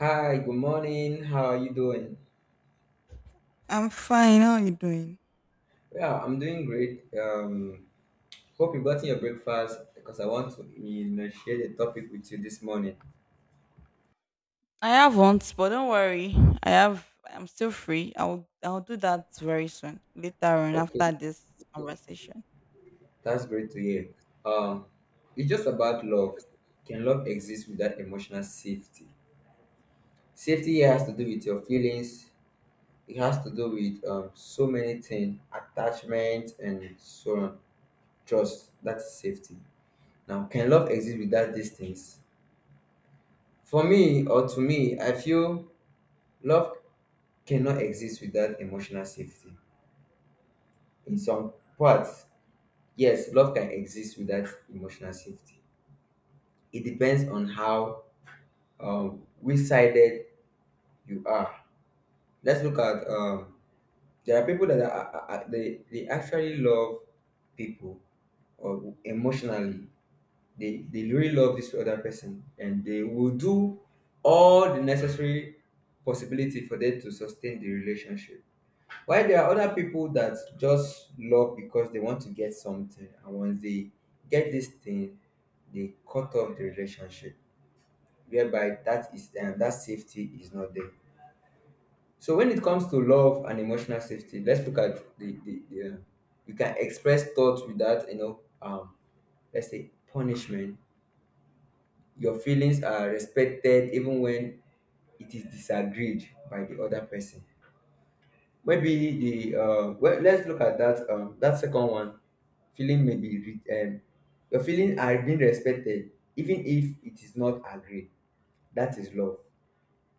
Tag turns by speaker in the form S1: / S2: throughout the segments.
S1: Hi, good morning. How are you doing?
S2: I'm fine. How are you doing?
S1: Yeah, I'm doing great. Hope you've gotten your breakfast because I want to share the topic with you this morning.
S2: I haven't, but don't worry. I have. I'm still free. I'll do that very soon, later on
S1: Okay,
S2: after this conversation.
S1: that's great to hear. Um, it's just about love. Can love exist without emotional safety? Safety here has to do
S2: Okay.
S1: with your feelings. It has to do with so many things, attachment and so on. Trust, that's safety. Now, can love exist without these things? For me or to me, I feel love cannot exist without emotional safety. In some parts, yes, love can exist without emotional safety. It depends on how which sided you are. Let's look at there are people that are they actually love people or emotionally. They really love this other person and they will do all the necessary possibility for them to sustain the relationship. While there are other people that just love because they want to get something, and once they get this thing, they cut off the relationship, whereby that is that safety is not there. So when it comes to love and emotional safety, let's look at the you can express thoughts without let's say punishment. Your feelings are respected even when it is disagreed by the other person. Maybe the well, let's look at that that second one. Feeling may be re- um, your feeling are being respected even if it is not agreed. That is love.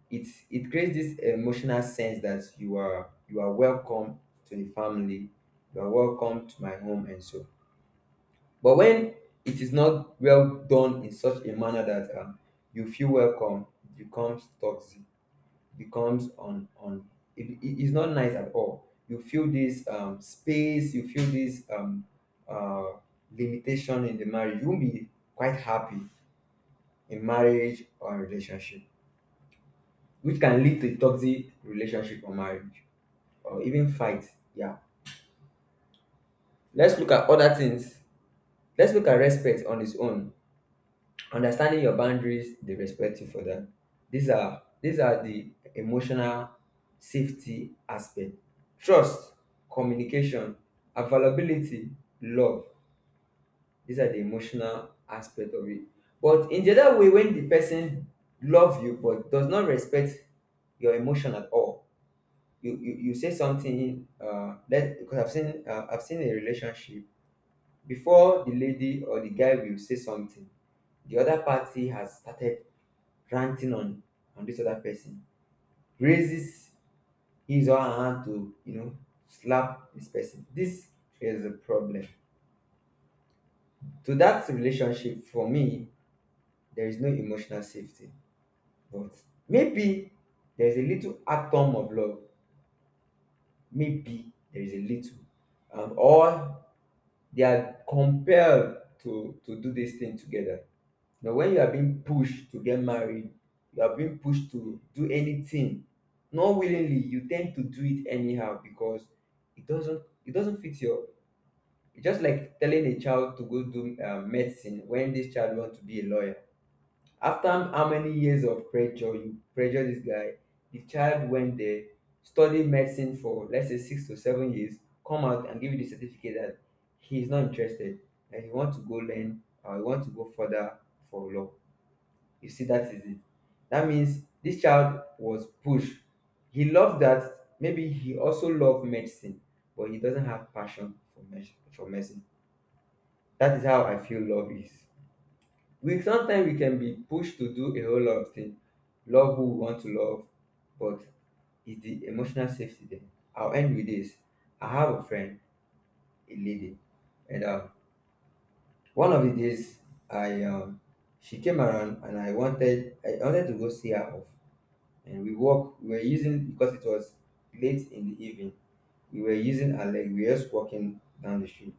S1: It creates this emotional sense that you are welcome to the family, you are welcome to my home and so. But when it is not well done in such a manner that you feel welcome, it becomes toxic, becomes it's not nice at all. You feel this space, you feel this uh limitation in the marriage. You won't be quite happy in marriage or relationship, which can lead to toxic relationship or marriage, or even fight. Yeah, let's look at other things. Let's look at respect on its own. Understanding your boundaries, they respect you for that. These are the emotional safety aspect. Trust, communication, availability, love. These are the emotional aspect of it. But in the other way, when the person love you but does not respect your emotion at all, you say something. That because I've seen a relationship before. The lady or the guy will say something, the other party has started ranting on this other person, raises his or her hand to, you know, slap this person. This is a problem. To that relationship, for me, there is no emotional safety. But maybe there is a little atom of love, maybe there is a little or they are compelled to do this thing together. Now, when you are being pushed to get married, you are being pushed to do anything, not willingly, you tend to do it anyhow because it doesn't fit your. It's just like telling a child to go do medicine when this child wants to be a lawyer. After how many years of pressure you pressure this guy, the child went there, studied medicine for let's say 6 to 7 years, come out and give you the certificate that he's not interested and he wants to go learn or he wants to go further for law. You see, that is it. That means this child was pushed. He loved that. Maybe he also loved medicine, but he doesn't have passion for medicine. For medicine. That is how I feel love is. We sometimes we can be pushed to do a whole lot of things. Love who we want to love, but it's the emotional safety there. I'll end with this. I have a friend, a lady, and one of the days I she came around and I wanted to go see her off, and we were using, because it was late in the evening, we were using our leg, we were just walking down the street.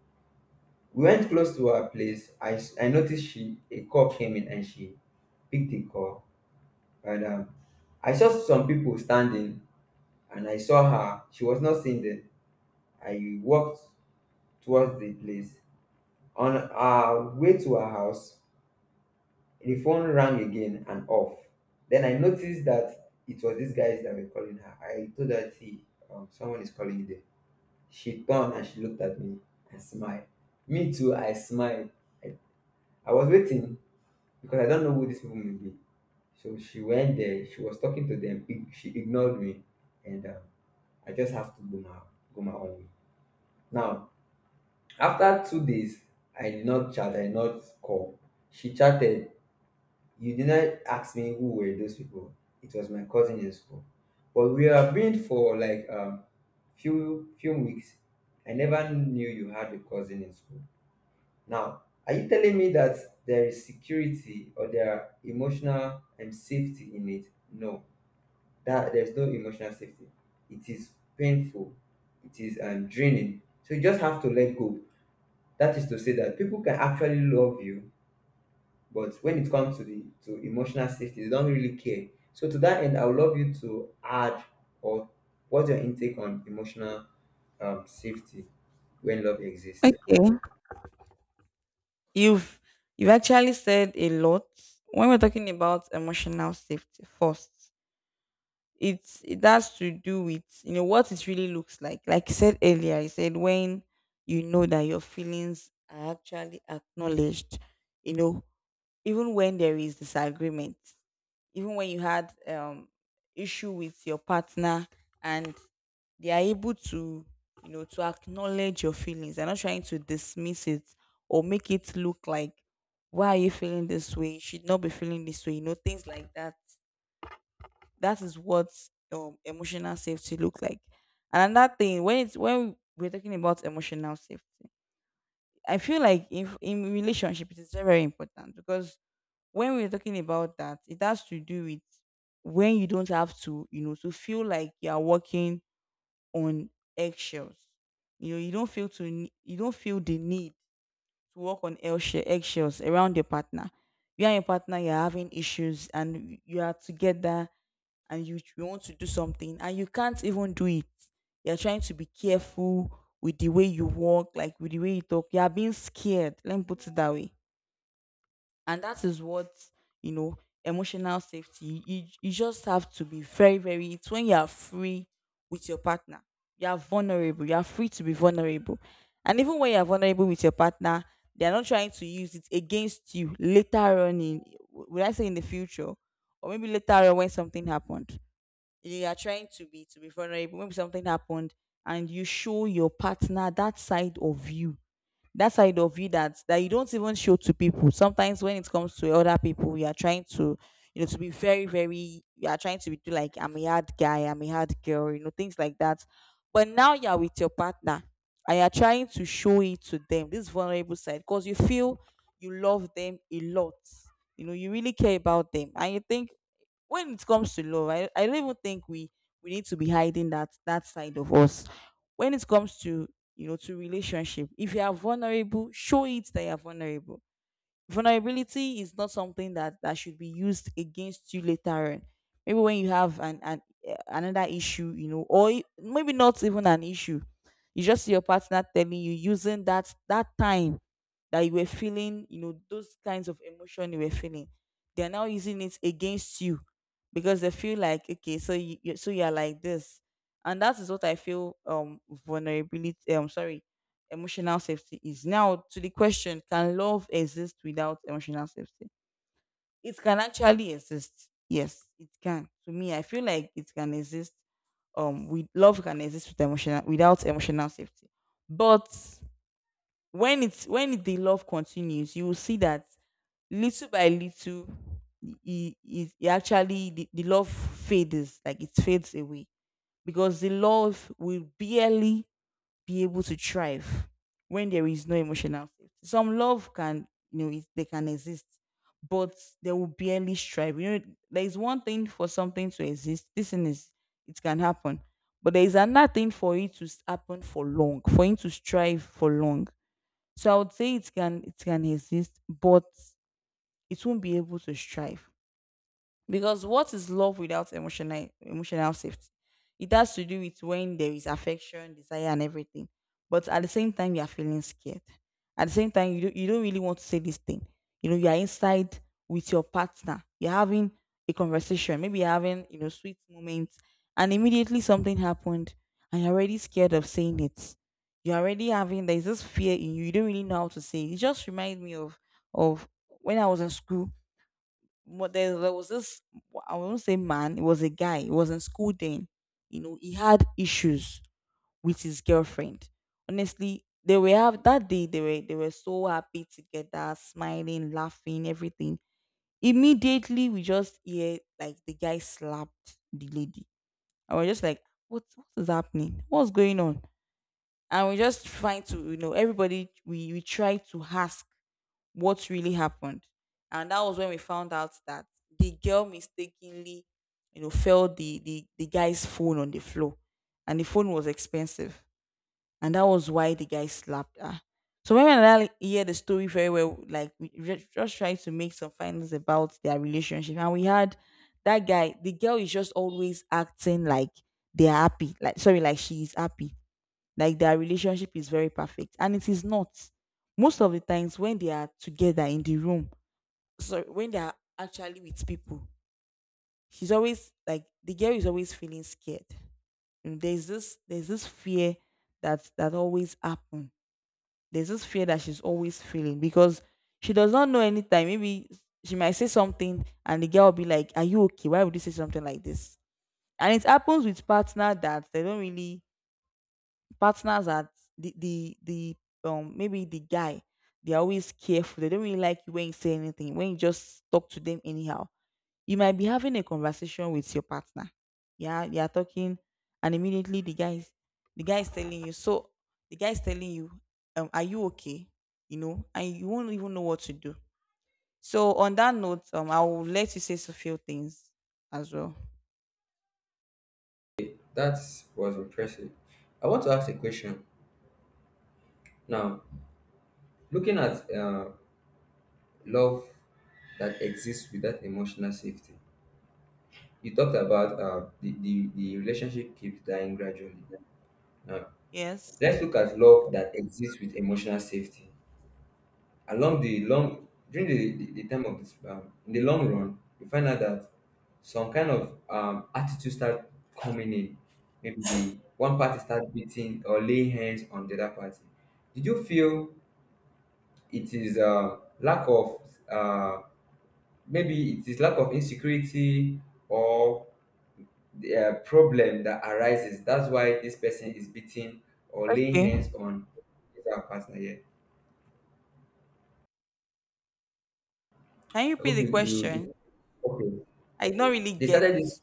S1: We went close to our place. I noticed she a cop came in and she picked the call, and I saw some people standing, and I saw her. She was not seen. Then I walked towards the place. On our way to her house, the phone rang again and off. Then I noticed that it was these guys that were calling her. I told her, see, someone is calling you there. She turned and she looked at me and smiled. Me too, I smiled. I, I was waiting because I don't know who these people may be. So she went there, she was talking to them, she ignored me, and I just have to go my, go my own way. Now, after 2 days, I did not chat, I did not call. She chatted. You did not ask me who were those people. It was my cousin in school. But we have been for like few weeks. I never knew you had a cousin in school. Now, are you telling me that there is security or there are emotional safety in it? No, that there's no emotional safety. It is painful. It is draining. So you just have to let go. That is to say that people can actually love you, but when it comes to the to emotional safety, they don't really care. So to that end, I would love you to add or what's your intake on emotional safety when love exists?
S2: Okay. You've. You've actually said a lot when we're talking about emotional safety. First, it has to do with you know what it really looks like. Like you said earlier, you said when you know that your feelings are actually acknowledged. You know, even when there is disagreement, even when you had issue with your partner and they are able to to acknowledge your feelings. They're not trying to dismiss it or make it look like why are you feeling this way, you should not be feeling this way, things like that. That is what emotional safety look like. And another thing, when it's when we're talking about emotional safety, I feel like in relationship it is very, very important, because when we're talking about that, it has to do with when you don't have to, to feel like you are walking on eggshells. You know, you don't feel the need to walk on eggshells around your partner. You and your partner, you're having issues, and you are together, and you want to do something and you can't even do it. You're trying to be careful with the way you walk, like with the way you talk. You are being scared. Let me put it that way. And that is what, you know, emotional safety. You just have to be very, very — it's when you are free with your partner. You are vulnerable. You are free to be vulnerable. And even when you are vulnerable with your partner, they are not trying to use it against you later on would I say in the future? Or maybe later on when something happened, you are trying to be vulnerable. Maybe something happened and you show your partner that side of you, that you don't even show to people. Sometimes when it comes to other people, you are trying to to be very, very — you are trying to be like I'm a hard guy, I'm a hard girl, things like that. But now you're with your partner and you're trying to show it to them, this vulnerable side, because you feel you love them a lot, you know you really care about them. And you think when it comes to love, I don't even think we need to be hiding that side of us. When it comes to to relationship, if you are vulnerable, show it that you are vulnerable. Vulnerability is not something that should be used against you later on. Maybe when you have another issue, or maybe not even an issue. You just see your partner telling you, using that time that you were feeling, those kinds of emotion you were feeling, they are now using it against you because they feel like, okay, so you are like this. And that is what I feel. Vulnerability. I'm sorry, emotional safety — is now to the question: can love exist without emotional safety? It can actually exist. Yes, it can. To me, I feel like it can exist With love can exist without emotional safety. But when the love continues, you will see that little by little, the love fades, like it fades away, because the love will barely be able to thrive when there is no emotional safety. Some love can, it, they can exist, but they will barely strive. You know there is one thing for something to exist: this thing is, it can happen. But there is another thing for it to happen for long, for it to strive for long. So I would say it can exist, but it won't be able to strive. Because what is love without emotional safety? It has to do with when there is affection, desire, and everything. But at the same time, you are feeling scared. At the same time, you don't really want to say this thing. You know, you are inside with your partner. You're having a conversation. Maybe you're having sweet moments, and immediately something happened, and you're already scared of saying it. You're already having there's this fear in you. You don't really know how to say it. It just reminds me of when I was in school. But there was this — I won't say man, it was a guy. He was in school then. You know, he had issues with his girlfriend. Honestly, they were have that day, they were so happy together, smiling, laughing, everything. Immediately we just hear, like, the guy slapped the lady. I was just like, what is happening? What's going on? And we just trying to, you know, everybody, we try to ask what really happened. And that was when we found out that the girl mistakenly, fell the guy's phone on the floor. And the phone was expensive. And that was why the guy slapped her. So when I hear the story very well, like, we just tried to make some findings about their relationship. And we had that guy, the girl is just always acting like they're happy, like — sorry — like she's happy, like their relationship is very perfect, and it is not. Most of the times when they are together in the room, so when they are actually with people, she's always like — the girl is always feeling scared. And there's this fear that always happen. There's this fear that she's always feeling, because she does not know anytime maybe she might say something and the girl will be like, are you okay, why would you say something like this. And it happens with partner that they don't really — partners are, the maybe the guy, they're always careful. They don't really like you when you say anything, when you just talk to them anyhow. You might be having a conversation with your partner, yeah, you're talking, and immediately the guy is telling you so the guy is telling you, are you okay, and you won't even know what to do. So on that note, I will let you say a few things as well.
S1: That was impressive. I want to ask a question now. Looking at love that exists without emotional safety, you talked about the relationship keeps dying gradually. Now,
S2: Yes.
S1: let's look at love that exists with emotional safety. Along the long, during the time of this, in the long run, you find out that some kind of attitude start coming in. Maybe the one party start beating or laying hands on the other party. Did you feel it is lack of uh, maybe it is lack of insecurity or the problem that arises. That's why this person is beating or laying hands
S2: Okay.
S1: on his partner. Yeah,
S2: Can you
S1: I
S2: repeat
S1: hope
S2: the
S1: you
S2: question?
S1: okay.
S2: I don't really
S1: They
S2: get
S1: started this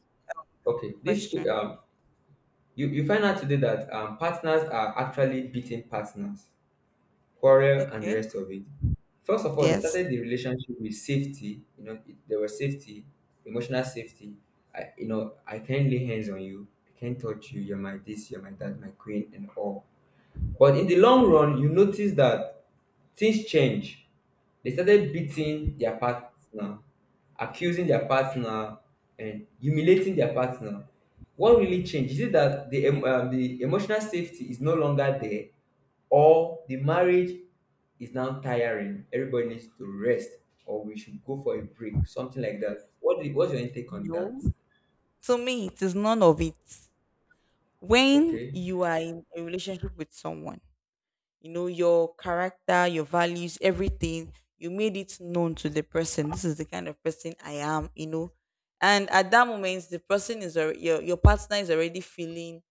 S1: okay. This
S2: question.
S1: you, you find out today that partners are actually beating partners. Quarrel and the
S2: Okay.
S1: rest of it. First of all, they
S2: Yes.
S1: started the relationship with safety. You know, it, there was safety, emotional safety. I, you know, I can't lay hands on you. I can't touch you. You're my this. You're my that. My queen and all. But in the long run, you notice that things change. They started beating their partner, accusing their partner, and humiliating their partner. What really changed? Is it that the emotional safety is no longer there, or the marriage is now tiring. Everybody needs to rest, or we should go for a break, something like that. What's your intake on
S2: No.
S1: that?
S2: To me, it is none of it. When
S1: Okay,
S2: you are in a relationship with someone, you know, your character, your values, everything, you made it known to the person. This is the kind of person I am, you know. And at that moment, the person is already, your partner is already feeling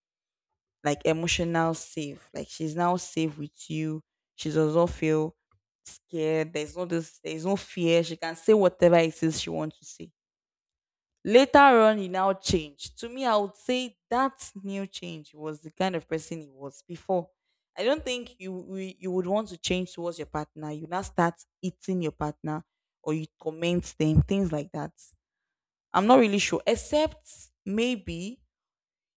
S2: like emotional safe. Like, she's now safe with you. She does not feel scared. There's no fear. She can say whatever it is she wants to say. Later on, he now changed. To me, I would say that new change was the kind of person he was before. I don't think you would want to change towards your partner. You now start eating your partner, or you comment them, things like that. I'm not really sure, except maybe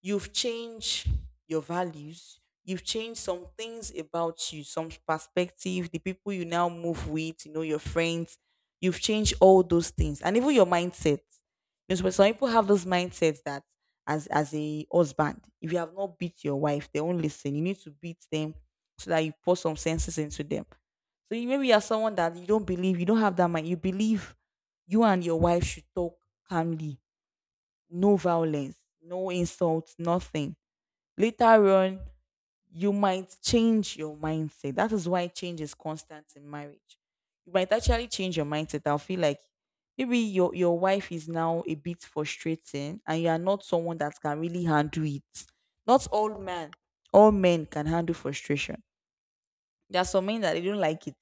S2: you've changed your values. You've changed some things about you, some perspective, the people you now move with, you know, your friends. You've changed all those things. And even your mindset. Because when some people have those mindsets that as a husband, if you have not beat your wife, they won't listen. You need to beat them so that you pour some senses into them. So maybe you're someone that you don't believe, you don't have that mind. You believe you and your wife should talk calmly, no violence, no insults, nothing. Later on, you might change your mindset. That is why change is constant in marriage. You might actually change your mindset. I'll feel like maybe your wife is now a bit frustrating and you are not someone that can really handle it. Not all men — all men can handle frustration. There are some men that they don't like it.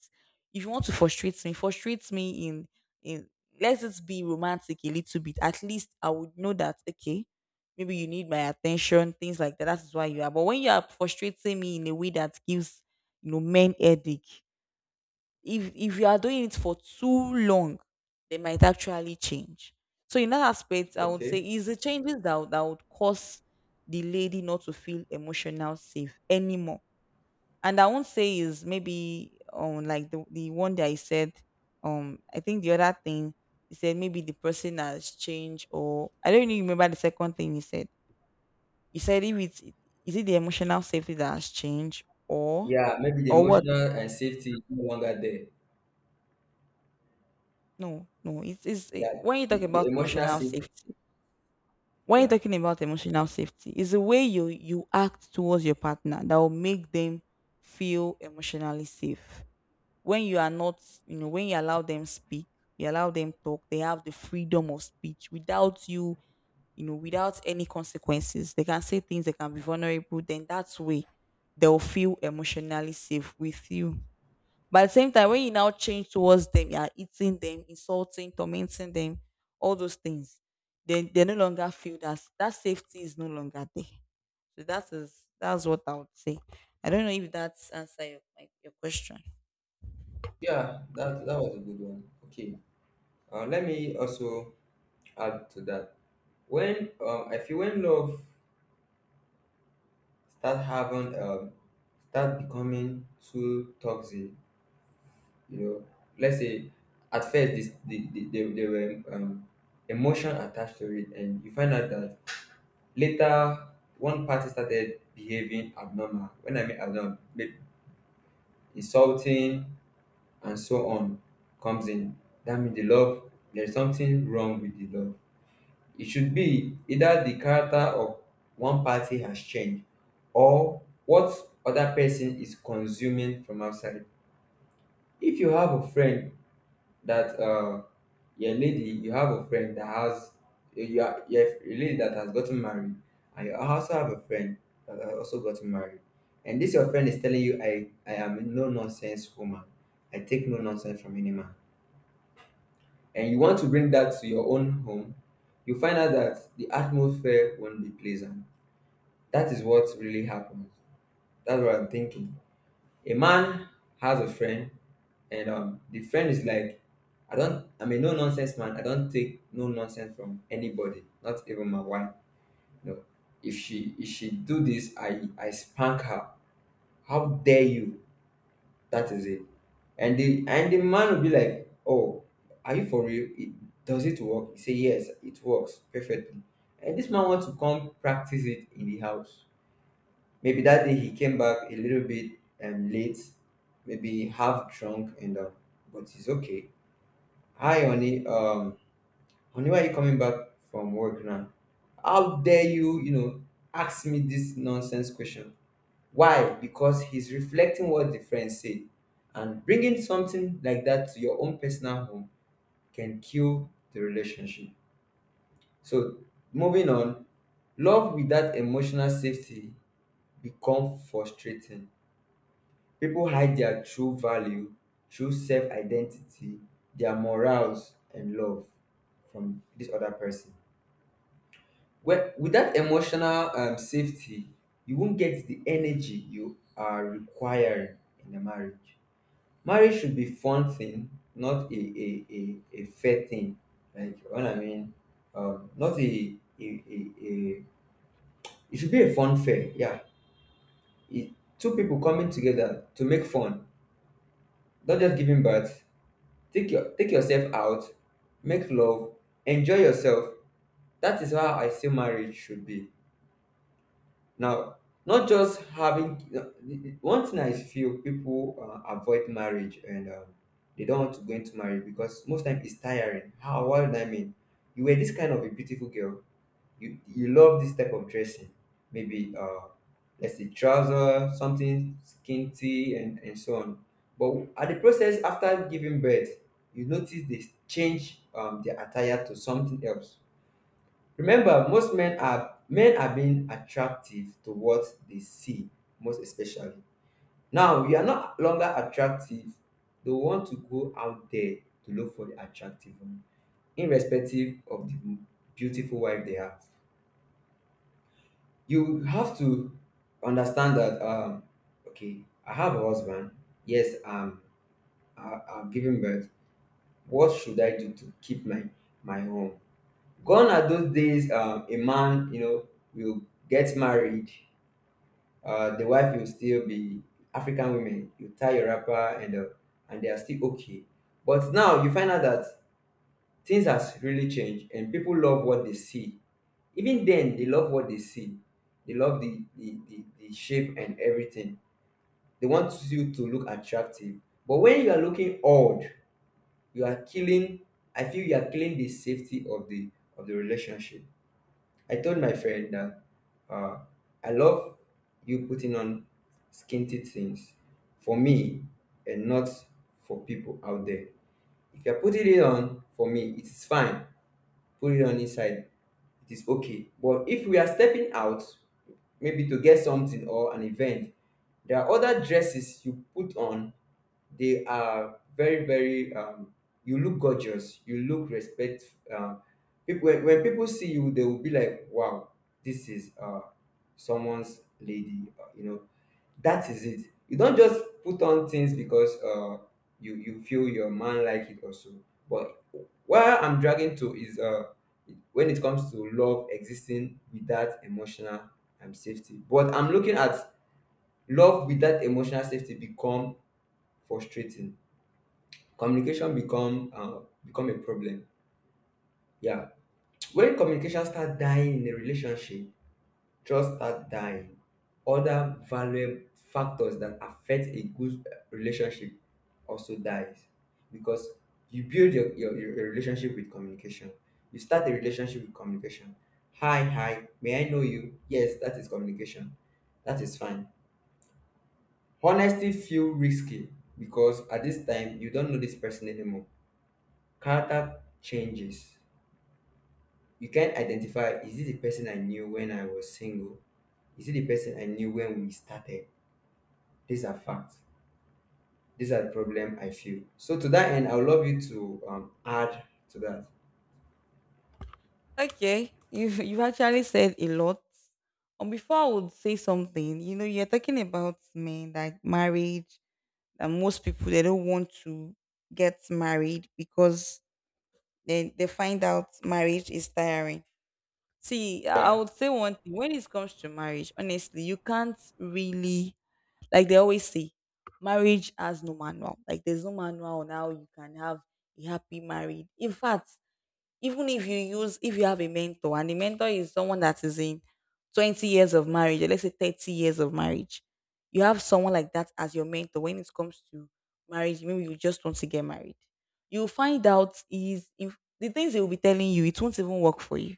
S2: If you want to frustrate me in — in let it be romantic a little bit. At least I would know that, okay, maybe you need my attention, things like that. That is why you are. But when you are frustrating me in a way that gives men headache, if you are doing it for too long, they might actually change. So in that aspect, I would say
S1: okay.
S2: is the changes that would cause the lady not to feel emotional safe anymore, and I won't say is maybe like the one that I said. I think the other thing he said, maybe the person has changed, or I don't even remember the second thing he said. He said if it's, is it the emotional safety that has changed,
S1: Yeah, maybe the
S2: or what?
S1: emotional and safety is no longer there.
S2: No. It's
S1: Yeah,
S2: when you talk
S1: the
S2: about
S1: emotional
S2: emotional
S1: safety.
S2: safety. When you're
S1: Yeah,
S2: talking about emotional safety, it's the way you act towards your partner that will make them feel emotionally safe. When you are not, when you allow them speak, you allow them talk, they have the freedom of speech without you, without any consequences. They can say things, they can be vulnerable, then that's way they'll feel emotionally safe with you. But at the same time, when you now change towards them, you are eating them, insulting, tormenting them, all those things, then they no longer feel that safety is no longer there. So that's what I would say. I don't know if that's answer your question.
S1: yeah. That that was a good one. Okay. Let me also add to that. When I feel when love start having start becoming too toxic, you know, let's say at first there were emotion attached to it, and you find out that later one party started behaving abnormal. When I mean abnormal, insulting and so on comes in. That means the love, there's something wrong with the love. It should be either the character of one party has changed, or what other person is consuming from outside. If you have a friend that your lady, you have a friend that has, you have a lady that has gotten married, and you also have a friend that has also gotten married. And this your friend is telling you, I am a no nonsense woman. I take no nonsense from any man. And you want to bring that to your own home, you find out that the atmosphere won't be pleasant. That is what really happens. That's what I'm thinking. A man has a friend, and the friend is like, I'm a no nonsense man. I don't take no nonsense from anybody, not even my wife. No, if she do this, I spank her. How dare you? That is it. And the man will be like, oh, are you for real? It, does it work? He say yes, it works perfectly. And this man wants to come practice it in the house. Maybe that day he came back a little bit late, maybe half drunk and but it's okay. Hi, honey. Oni, why are you coming back from work now? How dare you, ask me this nonsense question? Why? Because he's reflecting what the friends say, and bringing something like that to your own personal home can kill the relationship. So, moving on, love without emotional safety become frustrating. People hide their true value, true self identity, their morals, and love from this other person. Well, without emotional safety, you won't get the energy you are requiring in a marriage. Marriage should be fun thing, not a fair thing. Like you know what I mean, not a it should be a fun fair. Yeah, it, two people coming together to make fun, not just giving birth. Take yourself out, make love, enjoy yourself. That is how I see marriage should be. Now, not just having one thing. I feel people avoid marriage, and they don't want to go into marriage because most time it's tiring. How? What do I mean? You were this kind of a beautiful girl. You love this type of dressing. Maybe let's say trouser, something skinty, and so on. But at the process after giving birth, you notice they change their attire to something else. Remember, most men are being attractive to what they see, most especially. Now you are not longer attractive, they want to go out there to look for the attractive one, irrespective of the beautiful wife they have. You have to understand that okay, I have a husband, yes. I am giving birth, what should I do to keep my home? Gone are those days a man, you know, will get married. The wife will still be African women. You tie your wrapper and they are still okay. But now you find out that things has really changed and people love what they see. Even then, they love what they see. They love the shape and everything. They want you to look attractive. But when you are looking old, you are killing. I feel you are killing the safety of the relationship. I told my friend that uh, I love you putting on skinty things for me and not for people out there. If you're putting it on for me, it is fine. Put it on inside, it is okay. But if we are stepping out, maybe to get something or an event, there are other dresses you put on. They are very very you look gorgeous, you look respect. um, People when people see you they will be like, wow, this is someone's lady, you know. That is it. You don't just put on things because you feel your man like it also. But what I'm dragging to is when it comes to love existing without emotional safety. But I'm looking at love without emotional safety become frustrating, communication become become a problem. Yeah, when communication start dying in a relationship, trust start dying, other valuable factors that affect a good relationship also dies. Because you build your relationship with communication, you start a relationship with communication. Hi, may I know you? Yes, that is communication, that is fine. Honesty feel risky because at this time you don't know this person anymore. Character changes. You can identify, is this the person I knew when I was single? Is it the person I knew when we started? These are facts. These are the problem I feel. So to that end, I would love you to add to that.
S2: Okay, you you've actually said a lot. And before I would say something, you know, you're talking about men like marriage, that most people they don't want to get married because then they find out marriage is tiring. See, I
S1: Yeah,
S2: would say one thing. When it comes to marriage, honestly, you can't really, like they always say, marriage has no manual. Like there's no manual on how you can have a happy marriage. In fact, even if you use if you have a mentor and the mentor is someone that is in 20 years of marriage, or let's say 30 years of marriage, you have someone like that as your mentor when it comes to marriage, maybe you just want to get married, you'll find out is if the things they will be telling you, it won't even work for you.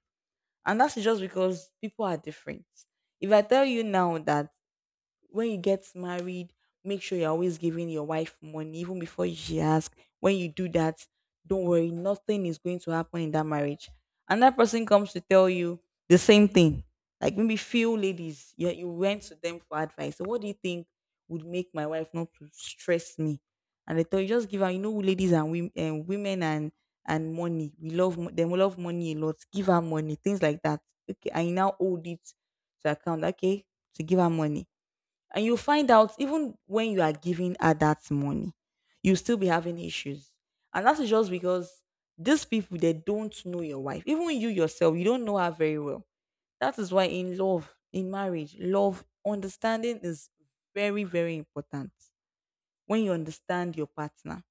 S2: And that's just because people are different. If I tell you now that when you get married, make sure you're always giving your wife money, even before she asks. When you do that, don't worry, nothing is going to happen in that marriage. And that person comes to tell you the same thing. Like maybe few ladies, you went to them for advice. So what do you think would make my wife not to stress me? And they tell you just give her, you know, ladies and women, and women and money. We love them. We love money a lot. Give her money, things like that. Okay, I now hold it to account. Okay, to give her money, and you find out even when you are giving her that money, you'll still be having issues. And that's just because these people they don't know your wife. Even you yourself, you don't know her very well. That is why in love, in marriage, love, understanding is very, very important. When you understand your partner,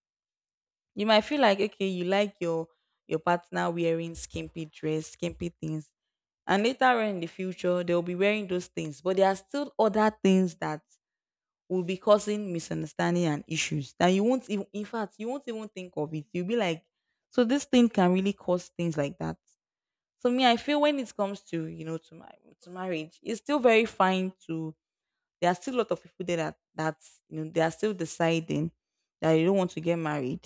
S2: you might feel like okay, you like your partner wearing skimpy dress, skimpy things. And later on in the future, they'll be wearing those things. But there are still other things that will be causing misunderstanding and issues that you won't even, in fact you won't even think of it, you'll be like, so this thing can really cause things like that. So me, I feel when it comes to you know to my to marriage, it's still very fine. To there are still a lot of people there that that you know, they are still deciding that they don't want to get married.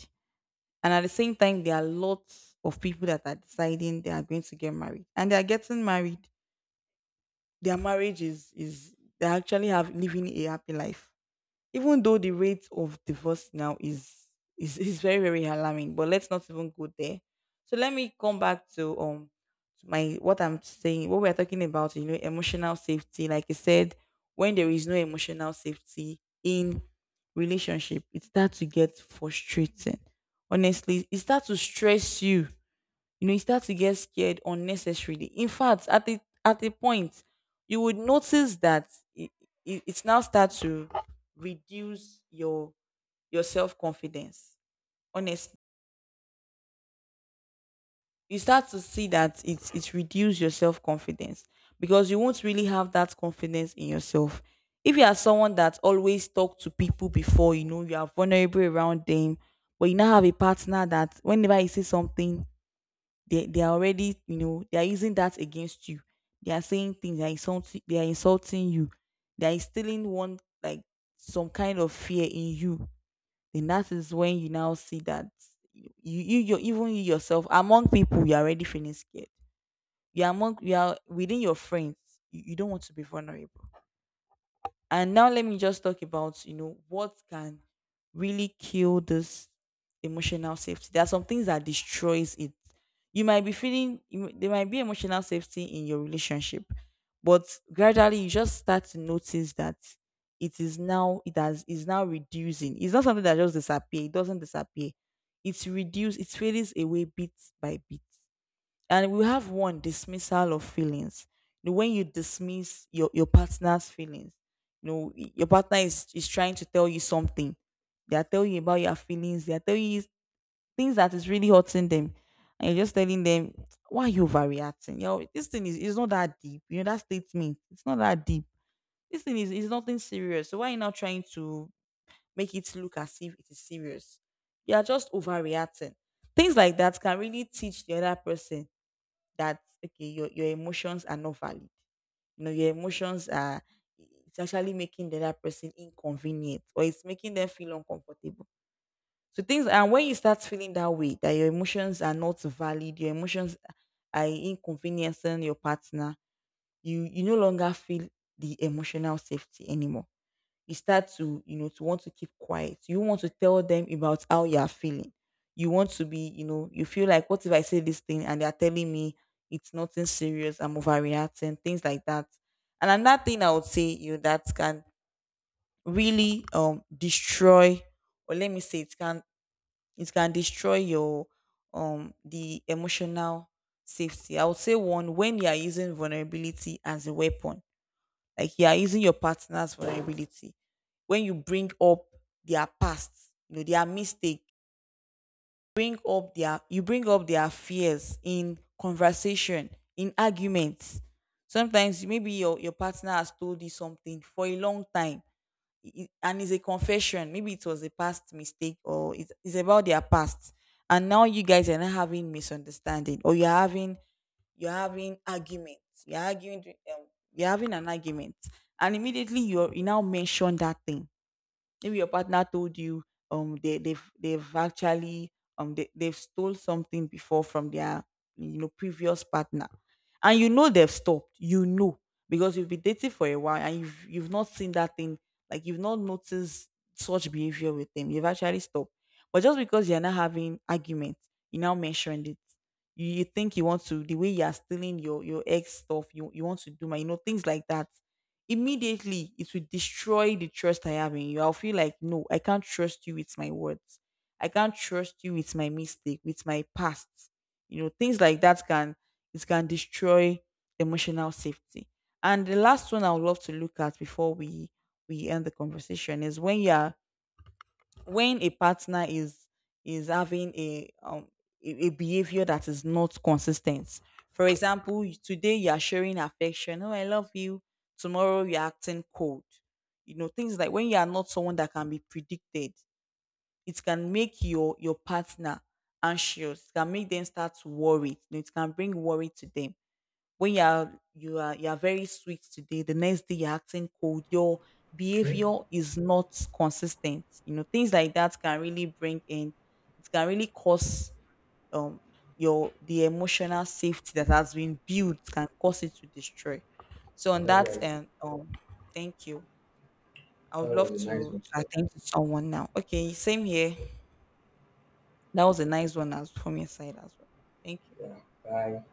S2: And at the same time, there are lots of people that are deciding they are going to get married, and they are getting married. Their marriage is, they actually have living a happy life. Even though the rate of divorce now is is very very alarming, but let's not even go there. So let me come back to my what I'm saying, what we're talking about, you know, emotional safety. Like I said, when there is no emotional safety in relationship, it starts to get frustrating. Honestly, it starts to stress you. You know, you start to get scared unnecessarily. In fact, at a point you would notice that, it, it's now start to reduce your self-confidence. Honestly, you start to see that it's reduce your self-confidence. Because you won't really have that confidence in yourself. If you are someone that always talk to people before, you know, you are vulnerable around them. But you now have a partner that whenever you say something, they are already, you know, they are using that against you. They are saying things, they are insulting you. They are instilling one, like some kind of fear in you. Then that is when you now see that you, even you yourself, among people you're already feeling scared. You are within your friends, you don't want to be vulnerable. And now let me just talk about, you know, what can really kill this emotional safety. There are some things that destroys it. You might be feeling there might be emotional safety in your relationship, but gradually you just start to notice that it is now it has is now reducing. It's not something that just disappear. It doesn't disappear. It's reduced. It fades away bit by bit. And we have one, dismissal of feelings. You know, when you dismiss your partner's feelings, you know, your partner is trying to tell you something. They are telling you about your feelings, they are telling you things that is really hurting them. And you're just telling them, why are you overreacting? You know, this thing is, it's not that deep. You know, that statement, it's not that deep. This thing is nothing serious. So why are you now trying to make it look as if it is serious? You are just overreacting. Things like that can really teach the other person that okay, your emotions are not valid. You know, your emotions are, it's actually making the other person inconvenient, or it's making them feel uncomfortable. So things, and when you start feeling that way, that your emotions are not valid, your emotions are inconveniencing your partner, you no longer feel the emotional safety anymore. You start to, you know, to want to keep quiet. You want to tell them about how you are feeling. You want to be, you know, you feel like, what if I say this thing and they are telling me it's nothing serious, I'm overreacting, things like that. And another thing I would say, you know, that can really destroy, or let me say it can, it can destroy your the emotional safety. I would say one, when you are using vulnerability as a weapon, like you are using your partner's vulnerability. When you bring up their past, you know, their mistake, bring up their, you bring up their fears in conversation, in arguments. Sometimes maybe your partner has told you something for a long time, i- and it's a confession. Maybe it was a past mistake, or it's about their past. And now you guys are not having misunderstanding, or you're having, you're having arguments. You're arguing. Um, you're having an argument, and immediately you now mention that thing. Maybe your partner told you they've actually they've stole something before from their, you know, previous partner. And you know they've stopped. You know. Because you've been dating for a while, and you've not seen that thing, like you've not noticed such behavior with them. You've actually stopped. But just because you're not having arguments, you now mentioned it. You think you want to, the way you are stealing your ex stuff, you want to do my, you know, things like that. Immediately it will destroy the trust I have in you. I'll feel like, no, I can't trust you with my words. I can't trust you with my mistake, with my past. You know, things like that can, it can destroy emotional safety. And the last one I would love to look at before we end the conversation is when you're when a partner is having a a behavior that is not consistent. For example, today you are sharing affection, oh I love you, tomorrow you're acting cold. You know, things like when you are not someone that can be predicted, it can make your partner anxious. It can make them start to worry, you know, it can bring worry to them. When you are, you are very sweet today, the next day you're acting cold, your behavior is not consistent. You know, things like that can really bring in, it can really cause um your, the emotional safety that has been built can cause it to destroy. So on
S1: that's
S2: that
S1: right.
S2: end, thank you. I would
S1: That
S2: love
S1: was a nice one.
S2: to attend to someone now. Okay, same here. That was a nice one as from your side as well. Thank you.
S1: Yeah. Bye.